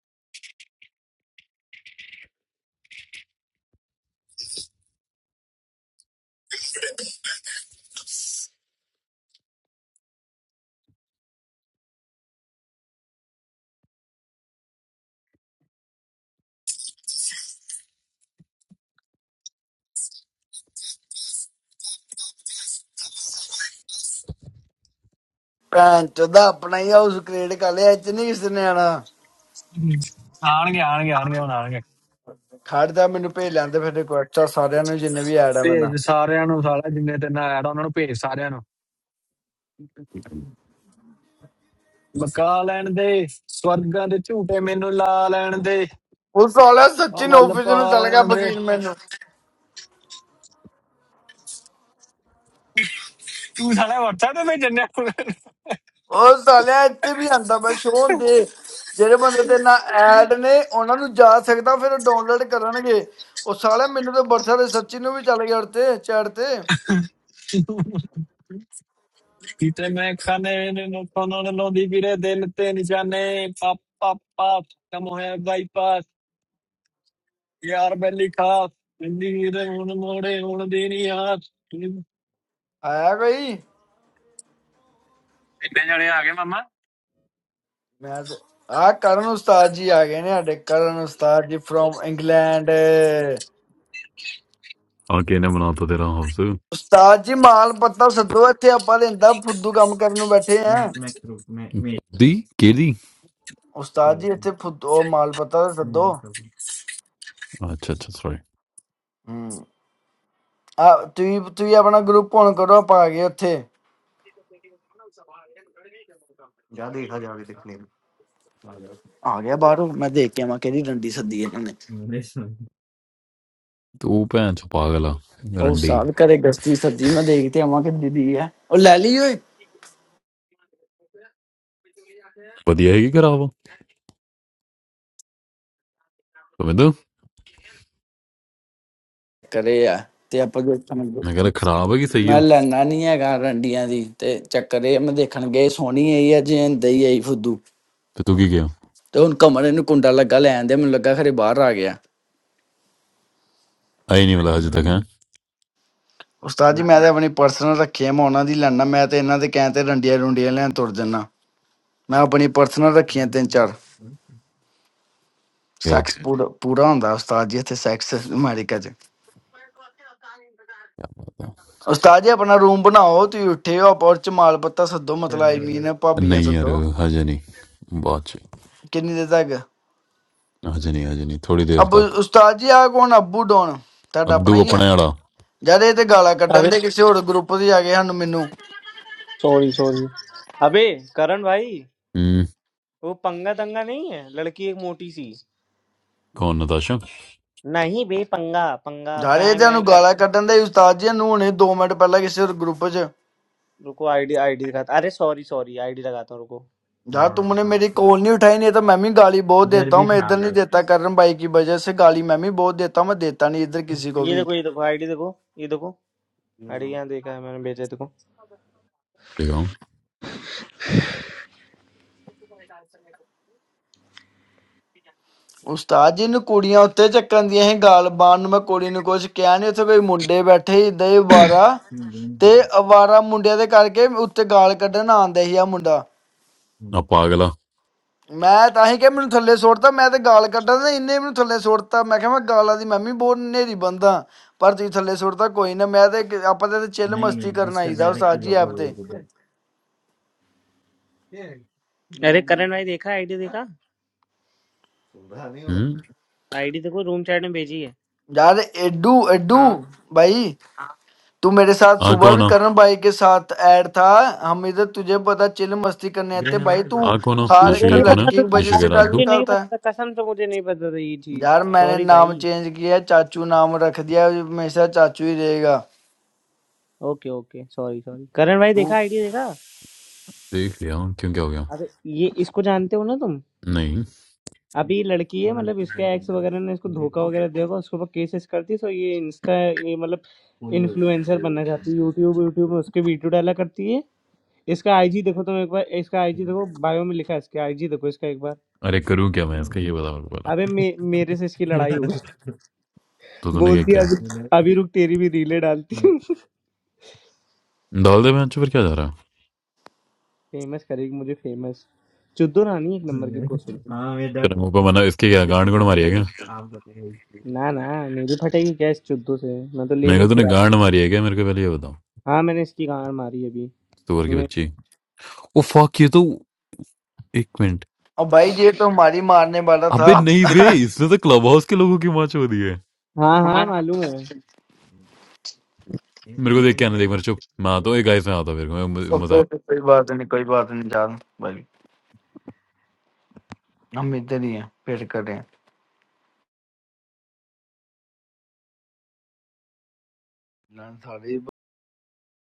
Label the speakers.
Speaker 1: And choda apne hiya us cricket ka lechinese ne ana
Speaker 2: ਹਮ, ਆਣਗੇ ਆਣਗੇ ਆਣਗੇ ਹੁਣ ਆਣਗੇ
Speaker 1: khada minimum pay le ande phir ekko achcha sareyano je navy ada mana
Speaker 2: ਭੇਜ ਸਾਰਿਆਂ ਨੂੰ ਸਾਲਾ ਜਿੰਨੇ ਤੇ ਨਾ ਐਡ ਉਹਨਾਂ ਨੂੰ ਭੇਜ ਸਾਰਿਆਂ ਨੂੰ ਬਕਾ ਲੈਣ ਦੇ ਸਵਰਗਾਂ ਦੇ ਝੂਟੇ ਮੈਨੂੰ ਲਾ ਲੈਣ ਦੇ
Speaker 1: us sala
Speaker 2: ਉਹ
Speaker 1: satchin
Speaker 2: ਮੱਲ
Speaker 1: officer
Speaker 2: ਪਾ
Speaker 1: nu chalga
Speaker 2: ਲੈਣ ਦੇ
Speaker 1: bagin mana
Speaker 2: ਤੂੰ ਸਾਲਾ WhatsApp ਤੇ ਭੇਜਣਿਆ
Speaker 1: us sala itte bi anda phir show de jere bande the na ad ne ona nu ja sakta phir download karane ke us sala minimum barshale satchinu bi chalga arte cherte
Speaker 2: ਕਿਤੇ ਮੈਂ ਖਾਨੇ ਨੂੰ ਕੋਨੋਂ ਲੋਦੀ ਵੀਰੇ ਦਿਲ ਤੇ ਨਿਸ਼ਾਨੇ ਪਾਪ ਪਾਪ ਪਾਪ ਕਮ ਹੋਇਆ ਬਾਈਪਾਸ ਯਾਰ ਬੈਲੀ ਖਾਸ ਇੰਨੀ ਵੀਰੇ ਹੁਣ ਮੋੜੇ ਹੁਣ ਦੇਣੀ ਆਸ ਇੰਨੇ
Speaker 1: aaya gaye?
Speaker 2: ਜਣੇ ਆ ਗਏ ਮਾਮਾ
Speaker 1: Mehade? Aa karanu starji a gaye ne aadek karanu starji from England.
Speaker 3: आगे ने बनाता तेरा house
Speaker 1: Ustaaji, mall pattha sir, do Ithi apale in that food do kam karino bethiyan?
Speaker 3: दी केली
Speaker 1: Ustaaji, Ithi food, oh mall pattha sir, do.
Speaker 3: अच्छा अच्छा sorry
Speaker 1: Ah, tuvi tuvi apna group pourn karu apagiya Ithi. Apagiya baru, ma dekhi amake di randi sir diye na ne.
Speaker 3: तू भैन चो पागल आ
Speaker 1: Oh,
Speaker 3: रंडी
Speaker 1: sab kar ek gasti sir diye ma dekhi thi amake diye. Oh, laliyoy.
Speaker 3: बढ़िया है कि खराब हो तुम्हें तो
Speaker 1: Kare ya, Ithi apale
Speaker 3: मैं कह
Speaker 1: sir.
Speaker 3: रहा खराब है कि सही
Speaker 1: Ma
Speaker 3: हो
Speaker 1: laniya ka randiya di, Ithi check Kareya ma dekhi na gas honye Iyajee, Ithi I food do.
Speaker 3: तो तू की गया
Speaker 1: Ithi un kamare nu kunda lagale, Ithi amulagakari baru apagiya.
Speaker 3: आई नहीं वाला हजे तक है
Speaker 1: ਉਸਤਾਦ ਜੀ ਮੈਂ ਤਾਂ ਆਪਣੀ ਪਰਸਨਲ ਰੱਖੀ ਆ ਮੈਂ ਉਹਨਾਂ ਦੀ ਲੈਣਾ ਮੈਂ ਤੇ ਇਹਨਾਂ ਦੇ ਕਹਿਣ ਤੇ ਡੰਡੀਆਂ ਡੁੰਡੀਆਂ ਲੈਣ ਤੁਰ ਜੰਨਾ ਮੈਂ ਆਪਣੀ ਪਰਸਨਲ ਰੱਖੀਆਂ ਤਿੰਨ ਚਾਰ
Speaker 3: क्या
Speaker 1: ਸੈਕਸ ਪੂਰਾ ਪੂਰਾ ਹੁੰਦਾ ਉਸਤਾਦ ਜੀ ਇੱਥੇ ਸੈਕਸ ਅਮਰੀਕਾ 'ਚ
Speaker 3: ठीक।
Speaker 1: ਉਸਤਾਦ ਜੀ ਆਪਣਾ ਰੂਮ ਬਣਾਓ ਤੁਸੀਂ ਉੱਠੇ ਹੋ ਆਪਾਂ ਉਹ 'ਚ ਮਾਲ ਪੱਤਾ ਸੱਦੋ ਮਤਲਬ ਆਈ ਮੀਨ ਭਾਬੀਆਂ
Speaker 3: नहीं यार
Speaker 1: ਸੱਦੋ
Speaker 3: हजे नहीं बाद च
Speaker 1: ਕਿੰਨੀ ਦੇਰ ਤੱਕ
Speaker 3: हजे नहीं हजे नहीं थोड़ी देर
Speaker 1: ਅਬ
Speaker 3: तक
Speaker 1: ਉਸਤਾਦ ਜੀ ਆ ਕੌਣ ਅੱਬੂ ਡੋਨ ਤੁਹਾਡਾ ਆਪਣਾ
Speaker 3: अद्दू
Speaker 1: ਹੀ ਹੈ
Speaker 3: अपने आड़ा
Speaker 1: ਯਾਰ ਇਹ ਤੇ ਗਾਲਾਂ ਕੱਢਣ
Speaker 4: अबे
Speaker 1: ਦੇ ਕਿਸੇ ਹੋਰ ਗਰੁੱਪ ਤੇ ਜਾ ਕੇ ਸਾਨੂੰ ਮੈਨੂੰ
Speaker 4: सॉरी सॉरी अबे करण भाई
Speaker 3: हम्म
Speaker 4: वो पंगा दंगा नहीं है लड़की एक मोटी सी
Speaker 3: कौन नताशा
Speaker 4: नहीं बे पंगा पंगा
Speaker 1: ਯਾਰ ਇਹ ਤੇ
Speaker 4: पैंग एंग
Speaker 1: ਸਾਨੂੰ
Speaker 4: कर
Speaker 1: ਗਾਲਾਂ ਕੱਢਣ ਦੇ ਉਸਤਾਦ ਜੀ ਨੂੰ ਹੁਣੇ 2 ਮਿੰਟ ਪਹਿਲਾਂ ਕਿਸੇ ਹੋਰ ਗਰੁੱਪ 'ਚ
Speaker 4: रुको आईडी आईडी दिखाता अरे सॉरी सॉरी आईडी लगाता हूँ रुको
Speaker 1: Jha, tumne mere call nahi uthai nahi toh mammi gali boh dehta hu, main idhar nahi dehta karan bhai ki bajaye se gali mammi boh dehta hu, main dehta nahi idhar kisi ko
Speaker 4: ये
Speaker 1: bhi.
Speaker 4: देखो ये देखो ID देखो ये देखो ID यहाँ देखा है मैंने भेजा है, देखो
Speaker 3: दिखाऊं
Speaker 1: Us saajin kooriyan utte chakandiyeh ghal baan me kooriyan koche kyaanyo se bhi mudde batehi day vara, te vara mudde the karke utte ghal karda na dehiya mudda.
Speaker 3: आ पागला
Speaker 1: Maine ta hi kya mainu thale soorta, Maine the ghal karda na inne mainu thale soorta. Maine kya main ghaladi mammi boh ne ribanda par thi thale soorta koine Maine the apaday the chel masti karna idhar us saajiy apde.
Speaker 4: अरे करण भाई देखा ID देखा
Speaker 3: हम्म
Speaker 4: ID देखो room chat में भेजी है
Speaker 1: Jai Adhu
Speaker 4: हाँ
Speaker 1: Adhu, buddy. You were with me in
Speaker 3: uh
Speaker 1: the morning
Speaker 3: कौन
Speaker 1: with
Speaker 3: uh
Speaker 1: Karan, buddy. We were here. Did you know we were having fun? Buddy, you
Speaker 3: आ कौन हो
Speaker 1: are
Speaker 3: Nishu
Speaker 4: मुझे
Speaker 1: a
Speaker 3: ये
Speaker 4: नहीं
Speaker 3: कौन है
Speaker 4: पता
Speaker 1: lucky
Speaker 4: था
Speaker 1: guy
Speaker 4: तुम-
Speaker 3: निशु
Speaker 1: because I
Speaker 3: कह
Speaker 4: अरे
Speaker 3: रहा
Speaker 1: got
Speaker 3: अद्दू
Speaker 4: मुझे नहीं पता था कसम से मुझे नहीं पता था ये
Speaker 1: married.
Speaker 4: चीज
Speaker 1: Jai, I
Speaker 4: सॉरी भाई
Speaker 1: changed my name. Uncle, I kept it. I will always be Uncle.
Speaker 4: Okay okay sorry sorry Karan भाई देखा आईडी देखा
Speaker 3: देख लिया क्यों क्या हो गया
Speaker 4: अरे ये इसको जानते हो ना तुम
Speaker 3: नहीं
Speaker 4: अभी लड़की है मतलब इसके एक्स वगैरह ने इसको धोखा वगैरह दिया होगा उसके ऊपर केसेस करती तो ये इंस्टा ये मतलब इन्फ्लुएंसर बनना चाहती है यूट्यूब यूट्यूब में उसके वीडियो डाला करती है इसका आईजी देखो तुम एक बार इसका आईजी देखो बायो में लिखा है इसका आईजी देखो इसका एक बार
Speaker 3: अरे करूँ क्या मैं इसका ये बता मेरे को पहला
Speaker 4: अबे मे, मेरे से इसकी लड़ाई हो गई
Speaker 3: तो तूने क्या
Speaker 4: बोलती है
Speaker 3: किया
Speaker 4: अभी अभी रुक तेरी भी रीले डालती
Speaker 3: डाल दे मैं अच्छा फिर क्या जा रहा
Speaker 4: फेमस करेगी मुझे फेमस चुद्दू रानी एक नंबर की घुसेड़ी
Speaker 3: तेरे मुंह पे मना इसके क्या गांड गुड़ मारी है क्या
Speaker 4: ना ना मेरी फटेगी क्या इस चुद्दू से मैं तो
Speaker 3: मैंने
Speaker 4: लेने ही
Speaker 3: कहा तूने
Speaker 4: फिर आती हूँ।
Speaker 3: गांड मारी है क्या मेरे को पहले ये बताओ
Speaker 4: हाँ मैंने इसकी गांड मारी अभी
Speaker 3: सुअर की
Speaker 4: मैं
Speaker 3: बच्ची ओ फक ये तो एक minute
Speaker 1: Oh, buddy, this is the one who was going to beat
Speaker 3: अबे
Speaker 1: us.
Speaker 3: नहीं बे इसने तो क्लब हाउस के लोगों की माँ छोड़ दी है
Speaker 4: हाँ हाँ मालूम है
Speaker 3: मेरे को देख के आने देख मेरे चुप मैं आता हूँ एक गाइस में आता हूँ मेरे को
Speaker 1: Okay, no problem. No problem. We are not here. We are playing.